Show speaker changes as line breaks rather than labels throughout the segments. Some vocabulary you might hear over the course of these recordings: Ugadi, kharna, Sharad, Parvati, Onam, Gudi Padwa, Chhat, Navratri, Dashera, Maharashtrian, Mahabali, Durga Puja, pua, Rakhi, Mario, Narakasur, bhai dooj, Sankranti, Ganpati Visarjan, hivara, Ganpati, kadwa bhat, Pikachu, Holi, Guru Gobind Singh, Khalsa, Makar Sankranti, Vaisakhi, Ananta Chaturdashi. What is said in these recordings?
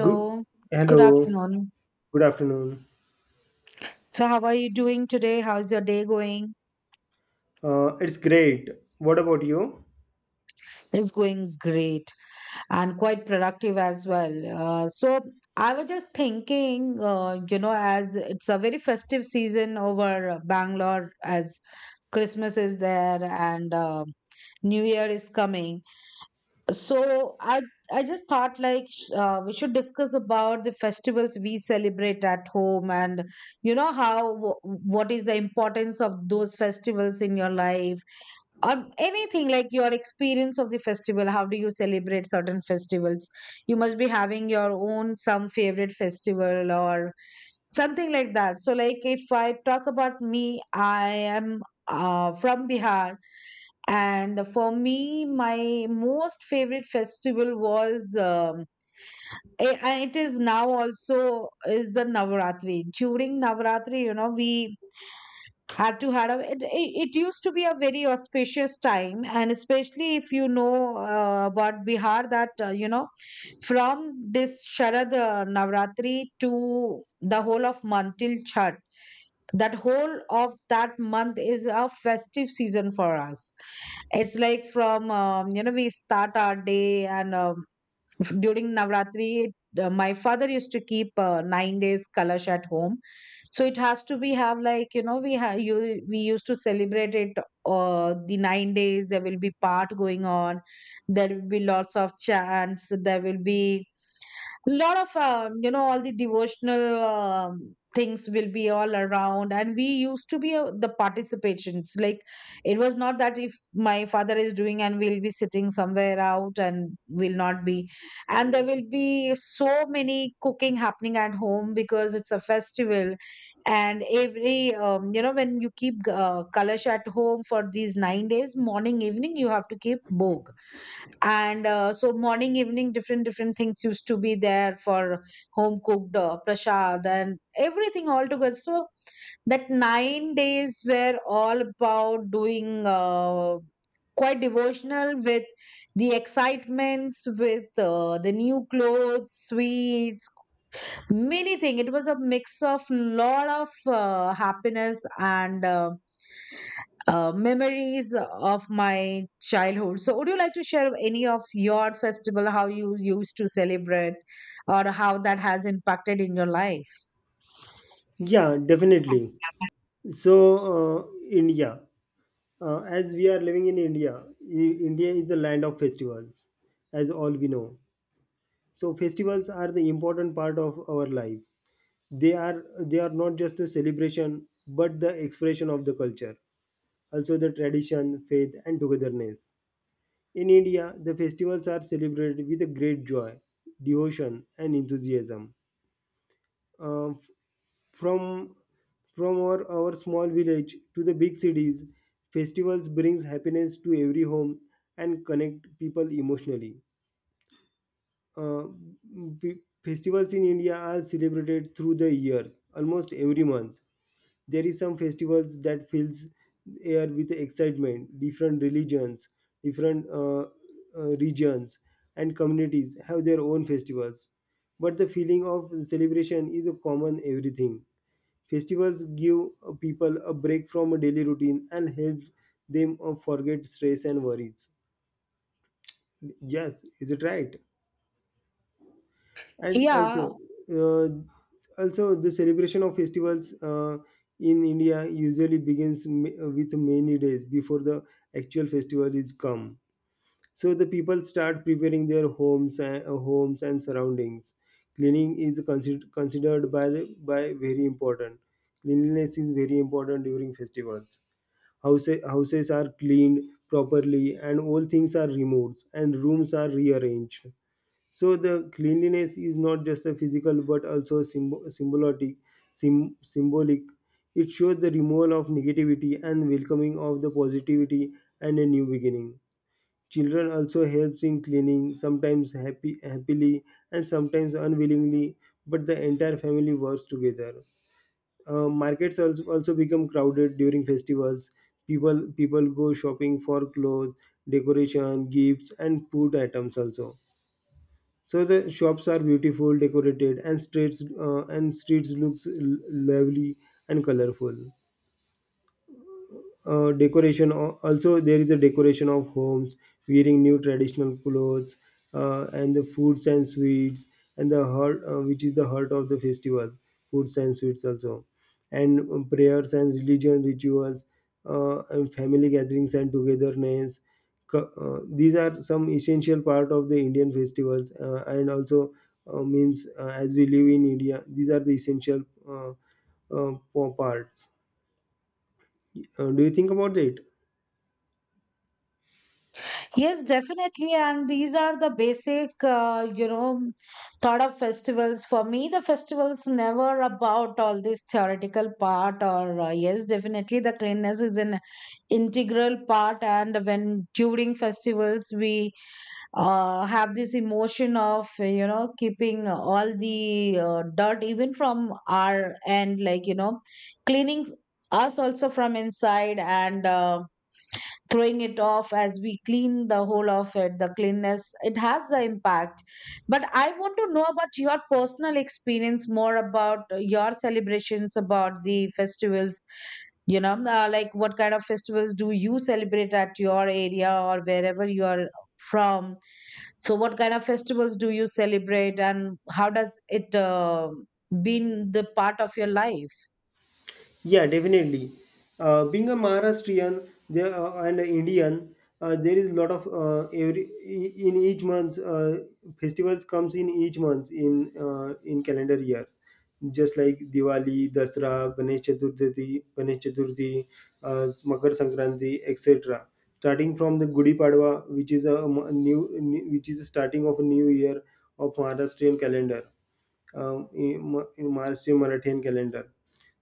Good.
good
Hello.
afternoon.
Good afternoon.
So, how are you doing today? How's your day going?
It's great. What about you?
It's going great and quite productive as well. I was just thinking, as it's a very festive season over Bangalore, as Christmas is there, and New Year is coming. So I just thought, like, we should discuss about the festivals we celebrate at home, and you know what is the importance of those festivals in your life, or anything like your experience of the festival, how do you celebrate certain festivals. You must be having your own some favorite festival or something like that. So, like, if I talk about me, I am from Bihar, and for me, my most favorite festival was, and it is now also, is the Navaratri. During Navaratri, you know, we had to had a it used to be a very auspicious time, and especially if you know about Bihar, that from this Sharad Navaratri to the whole of month till Chhat, that whole of that month is a festive season for us. It's like from, you know, we start our day, and during Navratri, my father used to keep 9 days kalash at home. So it has to be have, like, you know, we have you we used to celebrate it. The 9 days, there will be part going on, there will be lots of chants, there will be lot of all the devotional things will be all around, and we used to be the participations. Like, it was not that if my father is doing and we'll be sitting somewhere out and will not be. And there will be so many cooking happening at home because it's a festival. And every when you keep kalash at home for these 9 days, morning evening, you have to keep bhog, and so morning evening different different things used to be there for home cooked prasad and everything all together. So that 9 days were all about doing, quite devotional, with the excitements, with the new clothes, sweets, many thing. It was a mix of lot of happiness and memories of my childhood. So would you like to share any of your festival, how you used to celebrate or how that has impacted in your life?
Yeah, definitely. So, India, as we are living in India, India is the land of festivals, as all we know. So, festivals are the important part of our life. They are they are not just a celebration, but the expression of the culture, also the tradition, faith, and togetherness. In India, the festivals are celebrated with a great joy, devotion, and enthusiasm. Uh, f- from from our small village to the big cities, festivals brings happiness to every home and connect people emotionally. uh, pe- Festivals in India are celebrated through the years, almost every month. There is some festivals that fills air with excitement. Different religions, different regions, and communities have their own festivals, but the feeling of celebration is a common everything. Festivals give people a break from a daily routine and help them forget stress and worries. Yes, is it right? And
Yeah.
also, the celebration of festivals in India usually begins with many days before the actual festival is come. So the people start preparing their homes and surroundings. Cleaning is considered considered by the, by very important. Cleanliness is very important during festivals. Houses are cleaned properly and all things are removed and rooms are rearranged so the cleanliness is not just a physical but also symbolic. It shows the removal of negativity and welcoming of the positivity and a new beginning. Children also helps in cleaning, sometimes happily and sometimes unwillingly, but the entire family works together. Markets also become crowded during festivals. People go shopping for clothes, decoration, gifts, and food items also, so the shops are beautiful, decorated, and streets looks lovely and colorful. Also there is a decoration of homes, wearing new traditional clothes, and the foods and sweets, and the heart which is the heart of the festival, foods and sweets also, and prayers and religion rituals, and family gatherings and togetherness. These are some essential part of the Indian festivals, and also, means as we live in India these are the essential uh, uh, parts. Do you think about it?
Yes, definitely. And these are the basic, thought of festivals. For me, the festivals never about all this theoretical part, or yes, definitely the cleanliness is an integral part. And when during festivals, we have this emotion of, you know, keeping all the dirt, even from our end, like, you know, cleaning us also from inside, and, throwing it off. As we clean the whole of it, the cleanness, it has the impact. But I want to know about your personal experience, more about your celebrations, about the festivals. You know, like, what kind of festivals do you celebrate at your area or wherever you are from? So what kind of festivals do you celebrate, and how does it been the part of your life?
Yeah, definitely. Being a Maharashtrian there, and an Indian, there is a lot of in each month festivals comes in each month in calendar years, just like Diwali, Dasra, Ganesh Chaturthi, Makar Sankranti, etc. Starting from the Gudi Padwa, which is a new which is the starting of a new year of Maharashtrian calendar, in Maharashtrian Marathian calendar.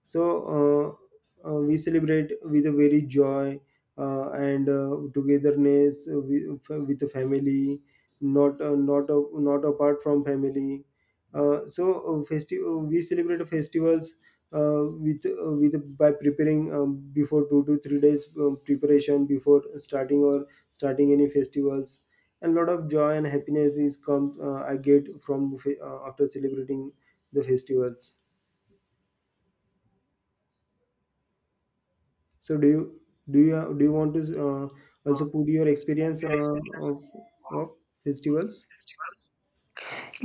So we celebrate with a very joy and togetherness, with the family, not apart from family. We celebrate festivals with, by preparing before 2 to 3 days preparation before starting any festivals. And lot of joy and happiness is come, I get from after celebrating the festivals. So do you want to uh, also put your experience of of festivals?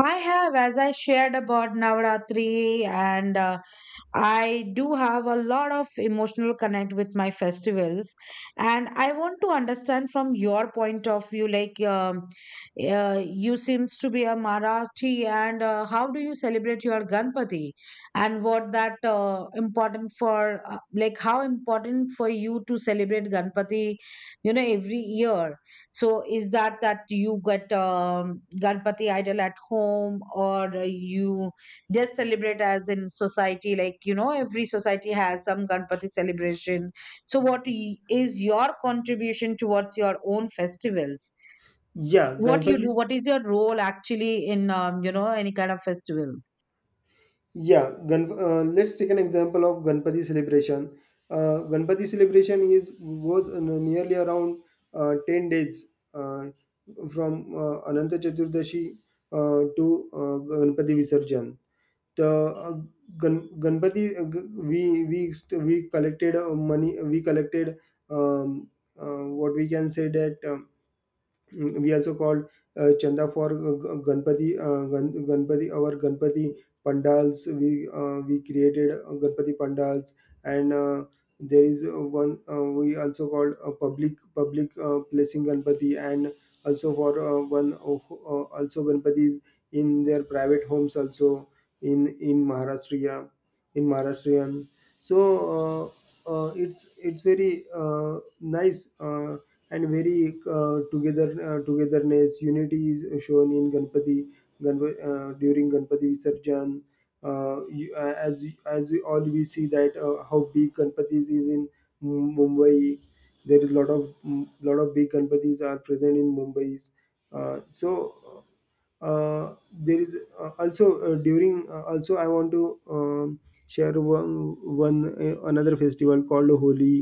I have, as I shared about Navaratri, and I do have a lot of emotional connect with my festivals. And I want to understand from your point of view, like, you seems to be a Marathi, and how do you celebrate your Ganpati, and what that important for, like, how important for you to celebrate Ganpati, you know, every year. So is that you get Ganpati idol at home, or you just celebrate as in society? Like, every society has some Ganpati celebration. So what is your contribution towards your own festivals?
Yeah,
What you do?
Ganpati's.
What is your role actually in any kind of festival?
Yeah, let's take an example of Ganpati celebration. Ganpati celebration is goes nearly around 10 days, uh, from Ananta Chaturdashi to Ganpati Visarjan. The Ganpati, we collected money. We collected, um, what we can say that. We also called chanda for ganpati. Our ganpati pandals we created ganpati pandals, and there is one, we also called a public placing ganpati, and also for one also ganpatis in their private homes also, in Maharashtra, in Maharashtrian. So uh, it's very uh, nice and very togetherness, unity is shown in ganpati. During ganpati visarjan, uh, you, uh, as as we all we see that how big Ganpatis is in Mumbai. There is lot of, lot of big ganpatis are present in Mumbai. uh, so uh, there is also during also I want to, um, share one one another festival called Holi,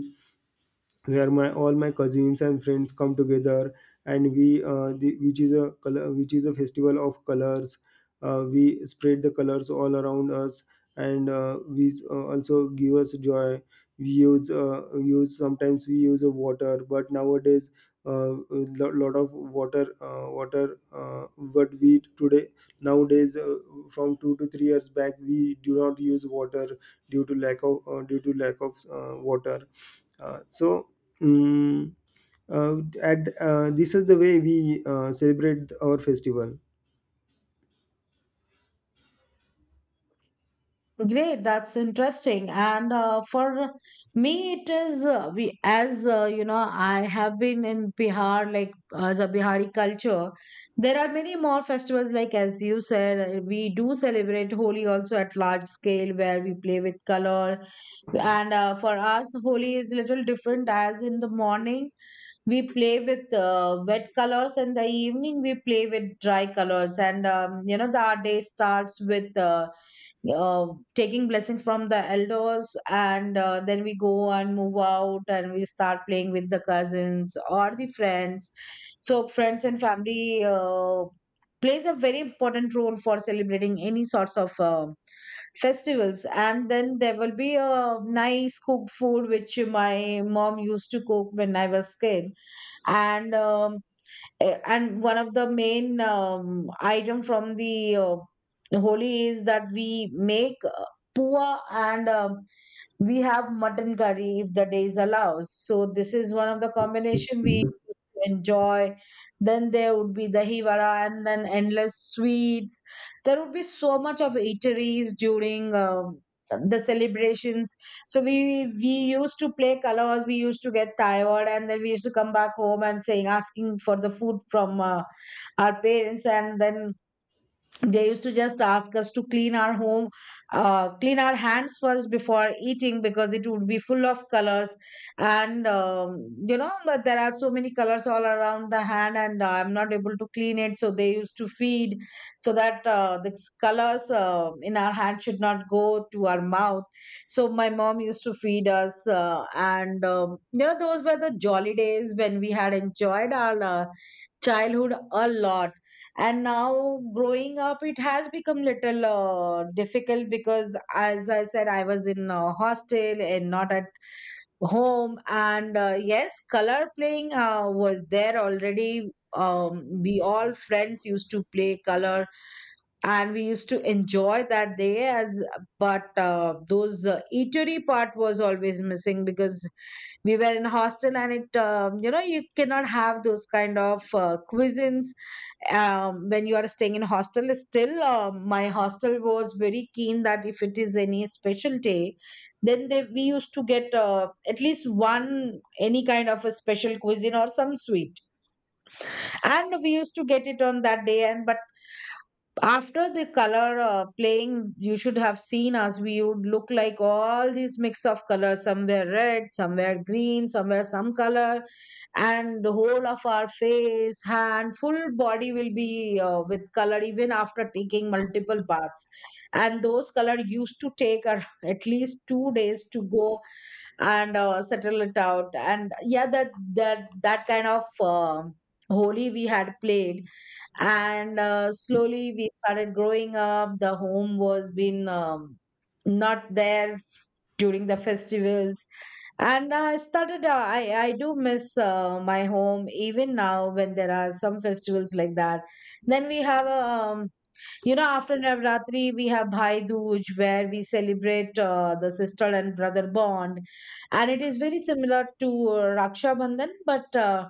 where my all my cousins and friends come together, and which is a color, which is a festival of colors. We spread the colors all around us, and we also give us joy. We use use Sometimes we use a water, but nowadays a lo- lot of water water but we today nowadays, from 2 to 3 years back we do not use water due to lack of due to lack of water. So mm uh, at This is the way we celebrate our festival.
Great, that's interesting. And for me, it is, we as, I have been in Bihar, like as a Bihari culture. There are many more festivals. Like as you said, we do celebrate Holi also at large scale, where we play with color. And for us, Holi is little different. As in the morning, we play with wet colors, and the evening we play with dry colors. And our day starts with. Uh, taking blessings from the elders, and then we go and move out, and we start playing with the cousins or the friends. So friends and family plays a very important role for celebrating any sorts of festivals. And then there will be a nice cooked food, which my mom used to cook when I was kid. And and one of the main item from the Holi is that we make pua, and we have mutton curry if the days allows. So this is one of the combination we enjoy. Then there would be the hivara and then endless sweets. There would be so much of eateries during the celebrations. So we used to play colors. We used to get tired, and then we used to come back home and saying asking for the food from our parents, and then they used to just ask us to clean our home, clean our hands first before eating, because it would be full of colors. And but there are so many colors all around the hand, and I'm not able to clean it, so they used to feed, so that the colors in our hand should not go to our mouth. So my mom used to feed us, and those were the jolly days when we had enjoyed our childhood a lot. And now, growing up, it has become little difficult, because as I said, I was in a hostel and not at home. And yes, color playing was there already. We all friends used to play color, and we used to enjoy that day as. But those eatery part was always missing, because we were in hostel, and it, you cannot have those kind of cuisines when you are staying in hostel. Still my hostel was very keen that if it is any special day, then they, we used to get at least one any kind of a special cuisine or some sweet, and we used to get it on that day. And but after the color playing, you should have seen us. We would look like all these mix of colors, somewhere red, somewhere green, somewhere some color. And the whole of our face, hand, full body, will be with color even after taking multiple baths. And those color used to take at least 2 days to go and settle it out. And yeah, that kind of holy we had played. And slowly we started growing up, the home was been not there during the festivals. And I started I do miss my home even now when there are some festivals like that. Then we have after Navratri we have Bhai Dooj, where we celebrate the sister and brother bond, and it is very similar to Raksha Bandhan, but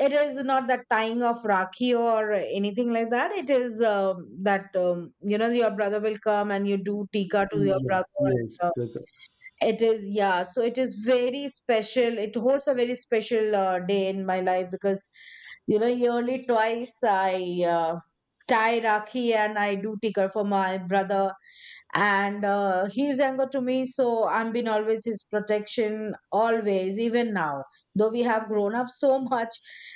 it is not that tying of Rakhi or anything like that. It is that, your brother will come and you do Tika to your
Yeah.
brother.
Yes.
And,
Okay.
it is, yeah. So it is very special. It holds a very special day in my life, because, yearly twice I tie Rakhi and I do Tika for my brother. And he's younger to me, so I've been always his protection, always, even now, though we have grown up so much.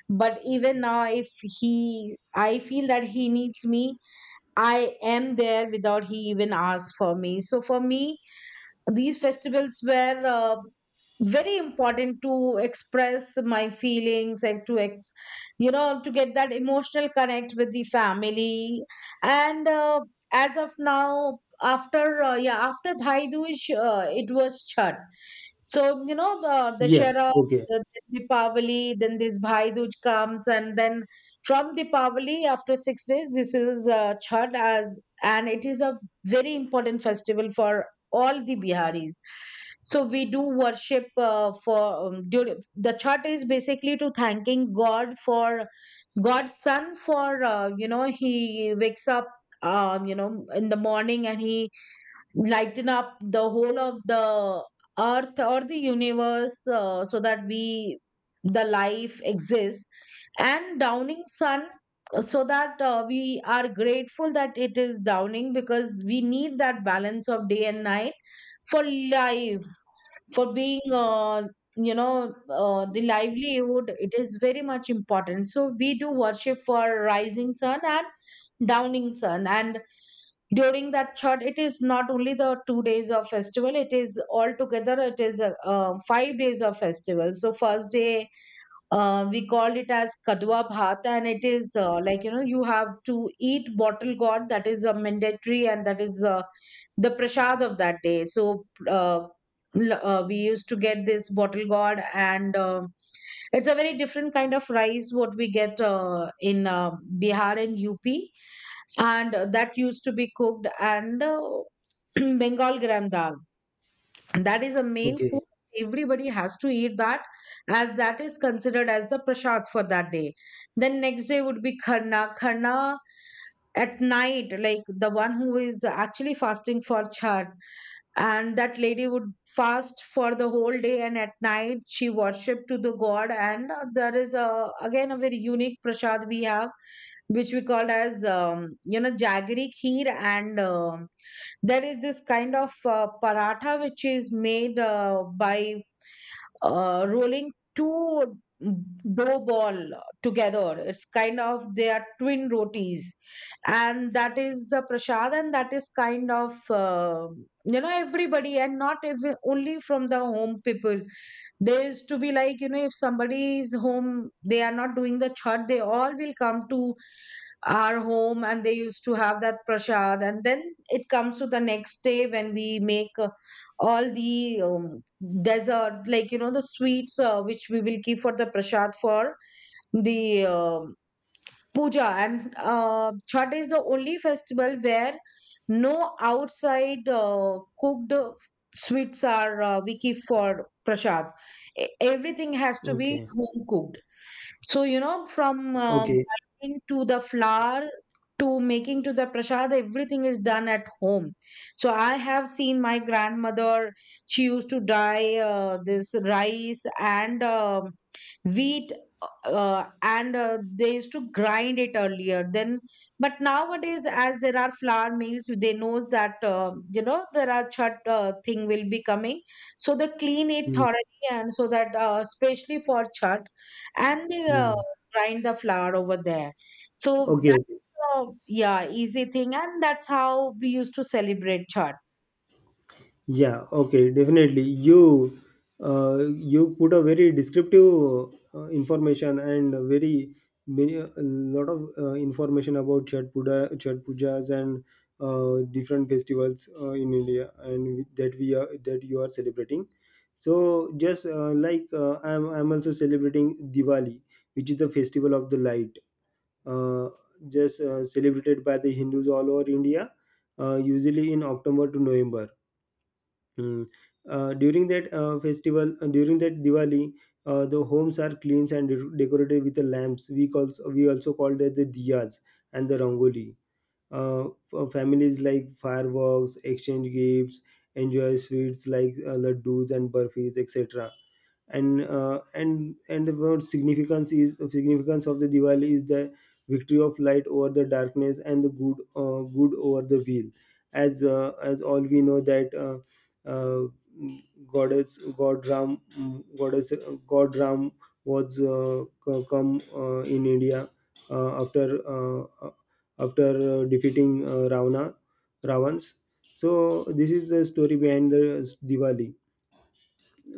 But even now, if he I feel that he needs me, I am there without he even asks for me. So for me, these festivals were very important to express my feelings, and you know, to get that emotional connect with the family. And as of now, after yeah, after Bhai Dooj, it was chat. So, you know, the
Yeah.
Dashera,
Okay.
the then Deepavali, then this Bhai Dooj comes, and then from Deepavali, after 6 days, this is Chhat as, and it is a very important festival for all the Biharis. So we do worship for during, the Chhat is basically to thanking God for God's son for he wakes up in the morning and he lighten up the whole of the earth or the universe, so that we the life exists and downing sun, so that we are grateful that it is downing because we need that balance of day and night for life, for being you know the livelihood. It is very much important, so we do worship for rising sun and downing sun. And during that third, it is not only the 2 days of festival, it is altogether, it is 5 days of festival. So first day we called it as kadwa bhat, and it is like you know you have to eat bottle god. That is a mandatory, and that is the prasad of that day. So uh, we used to get this bottle gourd, and it's a very different kind of rice what we get in bihar and up. And that used to be cooked, and Bengal gram dal. That is a main food.
Okay.
Everybody has to eat that, as that is considered as the prasad for that day. Then next day would be kharna. Kharna at night, like the one who is actually fasting for Chhat, and that lady would fast for the whole day, and at night she worshipped to the god. And there is a again a very unique prasad we have, which we call as jaggery kheer. And. There is this kind of paratha which is made by rolling two dough ball together. It's kind of they are twin rotis, and that is the prasad, and that is kind of everybody, and not even only from the home people. There is to be like, you know, if somebody is home they are not doing the chhat, they all will come to our home and they used to have that prasad. And then it comes to the next day when we make all the dessert, like you know, the sweets which we will keep for the prasad for the puja. And chhat is the only festival where no outside cooked sweets are, we keep for prasad. E- everything has to be
Okay.
home cooked. So, you know, from
Okay.
grinding to the flour to making to the prasad, everything is done at home. So I have seen my grandmother, she used to dry this rice and wheat. And They used to grind it earlier then, but nowadays as there are flour mills, they knows that, you know, there are chat thing will be coming, so they clean it
Mm,
thoroughly and so that especially for chat. And they
mm.
grind the flour over there. So
Okay. Okay.
that's yeah, easy thing, and that's how we used to celebrate chat.
Yeah, okay, definitely. You put a very descriptive information, and a very many, a lot of information about Chhat Puja, Chhat Pujas, and different festivals in India, and that we are that you are celebrating. So just I'm also celebrating Diwali, which is the festival of the light. Uh, just celebrated by the Hindus all over India, usually in October to November. Mm. During that Diwali, the homes are cleansed and decorated with the lamps. We also call that the diyas and the rangoli. Families like fireworks, exchange gifts, enjoy sweets like laddus and burfis, etc. And the word significance is, significance of the Diwali is the victory of light over the darkness and the good good over the evil. As as all we know that goddess God Ram goddess God Ram was come in India uh, after uh, uh, after defeating Ravana Ravans. So this is the story behind the Diwali.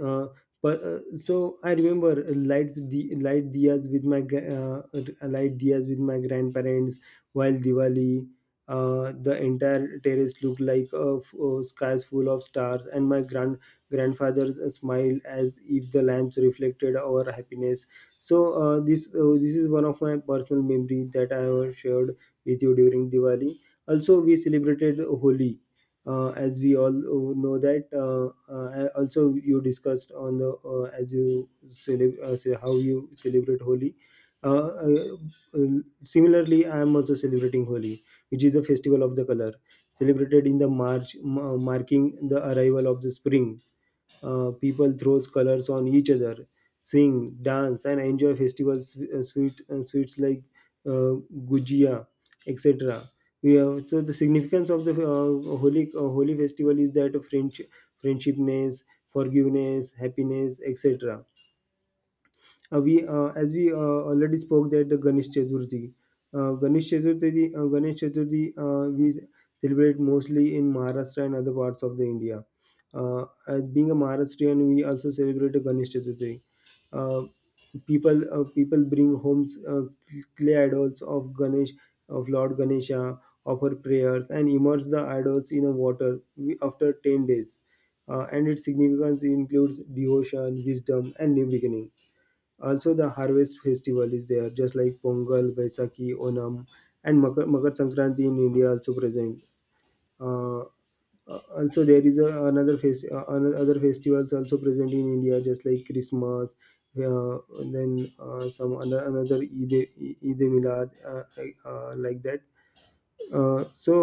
Uh, but so I remember, light diyas with my grandparents while Diwali. The entire terrace looked like a skies full of stars, and my grandfather's smile, as if the lamps reflected our happiness. So this is one of my personal memory that I have shared with you during Diwali. Also, we celebrated Holi, as we all know that also you discussed on the, say how you celebrate Holi. Uh, uh, uh, Similarly, I am also celebrating Holi, which is the festival of the color, celebrated in the March, marking the arrival of the spring. People throws colors on each other, sing, dance, and enjoy festivals, sweets like uh, gujia, etc. We have, so the significance of the holy festival is that of friendship, friendshipness, forgiveness, happiness, etc. We as we Already spoke that the Ganesh Chaturthi, Ganesh Chaturthi, we celebrate mostly in Maharashtra and other parts of the India. As being a Maharashtrian, we also celebrate the Ganesh Chaturthi. Uh, People bring homes clay idols of Ganesh, of Lord Ganesha, of her prayers, and immerse the idols in a water after 10 days. And its significance includes devotion, wisdom, and new beginning. Also, the harvest festival is there, just like Pongal, Vaisakhi, Onam, and Makar Sankranti in India also present. Uh, Also, there is a, other festivals also present in India, just like Christmas. And then Some another Eid, Eid Milad, like that. Uh, so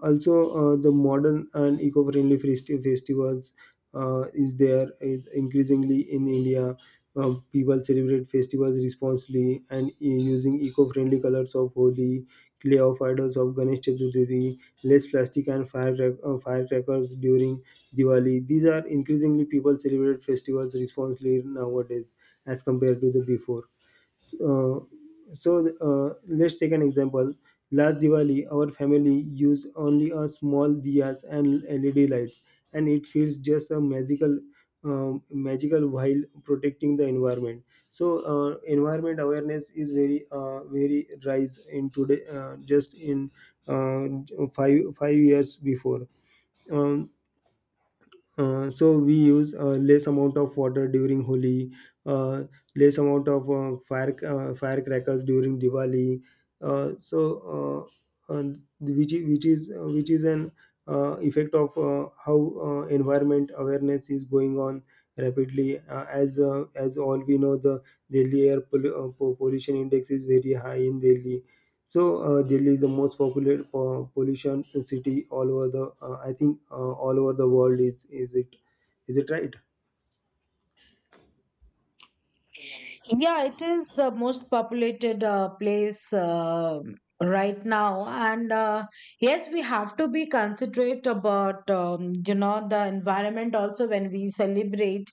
uh, Also the modern and eco-friendly festivals is there is increasingly in India. People celebrate festivals responsibly, and using eco-friendly colors of Holi, clay of idols of Ganesh Chaturthi, less plastic and firecrackers during Diwali. These are increasingly people celebrate festivals responsibly nowadays as compared to the before. So, so uh, let's take an example. Last Diwali, our family used only a small diyas and LED lights, and it feels just a magical, um, magical, while protecting the environment. So uh, environment awareness is very, very rise in today, just in, uh, five years before. Um, so we use less amount of water during Holi, uh, less amount of firecrackers during Diwali. Uh, so and which is an effect of how environment awareness is going on rapidly. As all we know, the Delhi air pollution index is very high in Delhi, so Delhi is the most popular pollution city all over the. I think all over the world. Is is it right?
Yeah, it is the most populated place right now. And yes, we have to be considerate about, the environment also when we celebrate.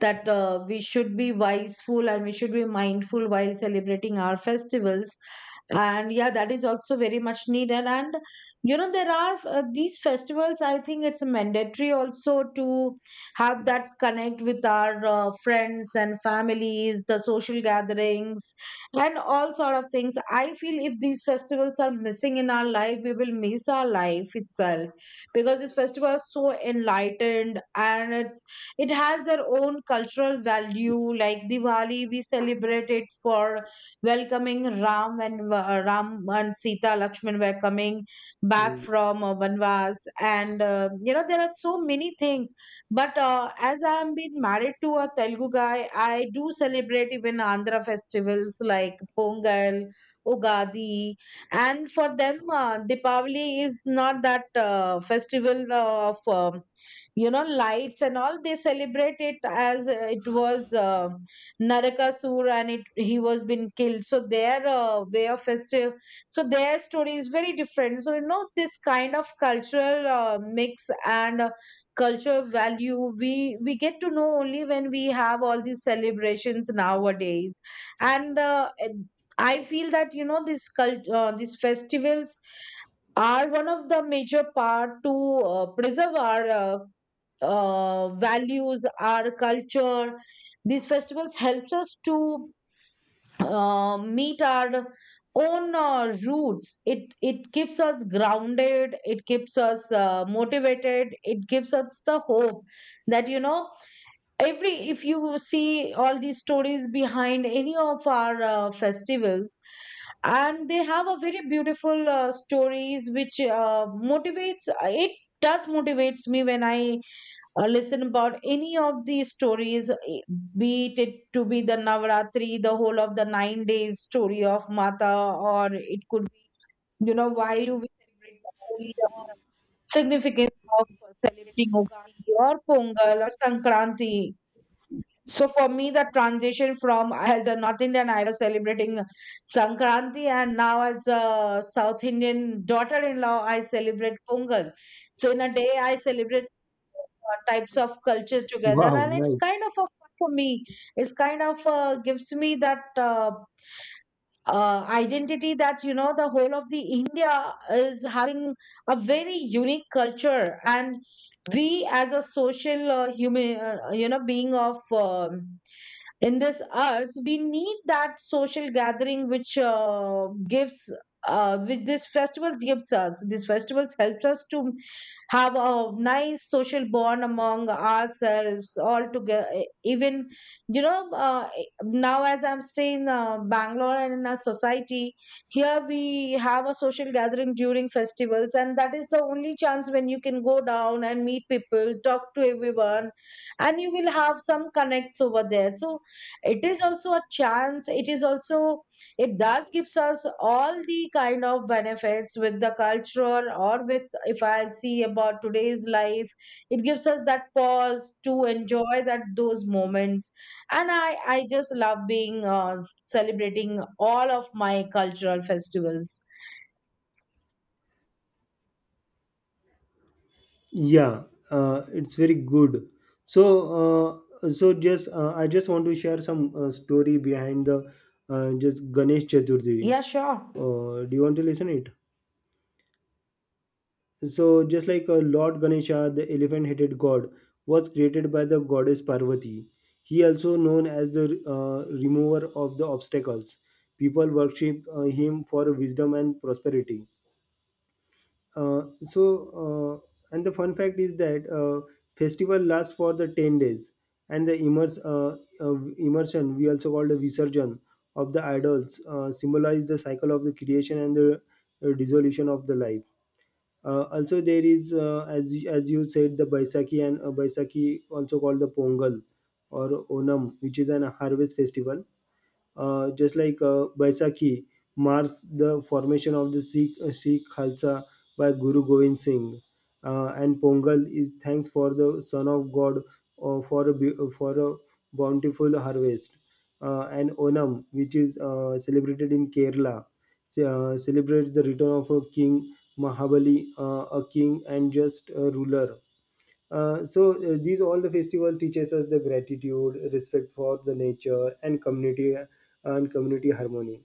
That we should be wiseful and we should be mindful while celebrating our festivals, and yeah, that is also very much needed. And you know, there are these festivals. I think it's mandatory also to have that connect with our friends and families, the social gatherings and all sort of things. I feel if these festivals are missing in our life, we will miss our life itself, because this festival is so enlightened, and it's it has their own cultural value. Like diwali, we celebrate it for welcoming ram and ram and sita lakshman were coming back
Mm.
from vanvas. And you know, there are so many things, but as I am been married to a Telugu guy, I do celebrate even Andhra festivals like Pongal, Ugadi. And for them, Deepavali is not that festival of you know, lights and all. They celebrate it as it was Narakasur, and it he was been killed. So their way of festive, so their story is very different. So you know, this kind of cultural mix and culture value we get to know only when we have all these celebrations nowadays. And I feel that, you know, these festivals are one of the major part to preserve our values, our culture. These festivals helps us to meet our own roots. It keeps us grounded, it keeps us motivated, it gives us the hope, that you know, every if you see all these stories behind any of our festivals, and they have a very beautiful stories which motivates. It does motivates me when I or listen about any of these stories, be it, it to be the Navratri, the whole of the 9 days story of Mata, or it could be, you know, why do we celebrate the Holi, or significance of celebrating Ugadi or Pongal or Sankranti? So for me, the transition from as a North Indian, I was celebrating Sankranti, and now as a South Indian daughter-in-law, I celebrate Pongal. So in a day, I celebrate types of culture together,
Wow,
and it's
nice.
kind of a fun for me. It's kind of gives me that identity that, you know, the whole of the India is having a very unique culture. And we as a social human, being of. In this earth, we need that social gathering which gives which this festivals gives us. These festivals helps us to have a nice social bond among ourselves all together. Even you know, now as I'm staying in bangalore, and in our society here we have a social gathering during festivals, and that is the only chance when you can go down and meet people, talk to everyone, and you will have some connects over there. So it is also a chance, it is also it does gives us all the kind of benefits with the culture. Or with, if I see about today's life, it gives us that pause to enjoy that those moments. And I just love being celebrating all of my cultural festivals.
Yeah, it's very good. So, so just I just want to share some story behind the, just Ganesh Chaturthi.
Yeah, sure.
Do you want to listen it? So, just like Lord Ganesha, the elephant headed god, was created by the goddess Parvati. He also known as the remover of the obstacles. People worship him for wisdom and prosperity. Uh, so, and the fun fact is that festival lasts for the 10 days, and the immersion, we also call the visurgence, of the idols, symbolize the cycle of the creation and the dissolution of the life. Also, there is, as you said, the Baisakhi, and Baisakhi, also called the Pongal or Onam, which is an harvest festival. Just like Baisakhi marks the formation of the Sikh Khalsa by Guru Gobind Singh, and Pongal is thanks for the Son of God for a for a bountiful harvest, and Onam, which is celebrated in Kerala, celebrates the return of a king Mahabali, a king and just ruler. These all the festival teaches us the gratitude, respect for the nature and community, and community harmony,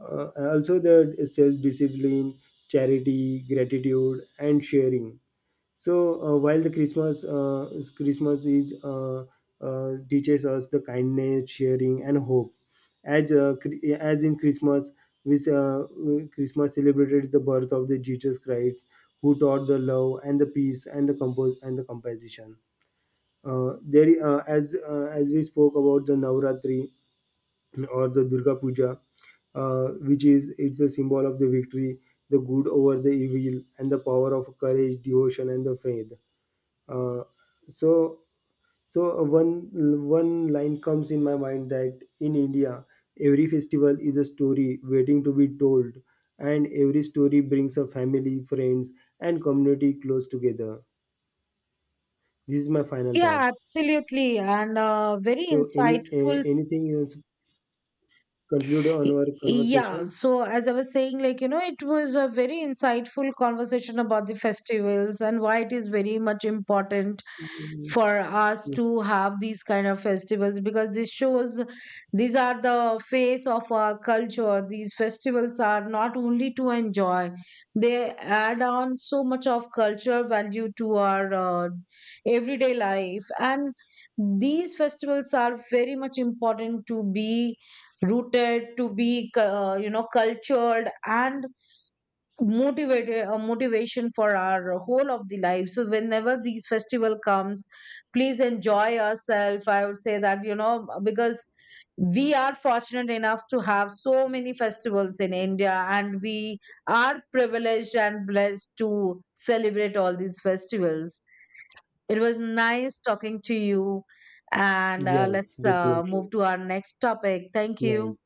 also the self discipline, charity, gratitude, and sharing. So while Christmas is, teaches us the kindness, sharing, and hope, as as in Christmas, which Christmas celebrated the birth of the Jesus Christ, who taught the love and the peace and the compose and the composition. There As as we spoke about the Navratri or the Durga Puja, which is it's a symbol of the victory, the good over the evil, and the power of courage, devotion, and the faith. Uh, so so one one line comes in my mind, that in India every festival is a story waiting to be told, and every story brings a family, friends, and community close together. This is my final thought.
Yeah, absolutely, and very
So
insightful.
anything you conclude on our
Yeah,
conversation?
so as I was saying, like, you know, it was a very insightful conversation about the festivals and why it is very much important for us to have these kind of festivals, because this shows these are the face of our culture. These festivals are not only to enjoy, they add on so much of culture value to our everyday life. And these festivals are very much important to be rooted, to be you know, cultured and motivated, a motivation for our whole of the life. So whenever these festival comes, please enjoy yourself, I would say that, you know, because we are fortunate enough to have so many festivals in india, and we are privileged and blessed to celebrate all these festivals. It was nice talking to you, and
Yes,
let's
definitely.
move to our next topic. Thank
Nice.
you.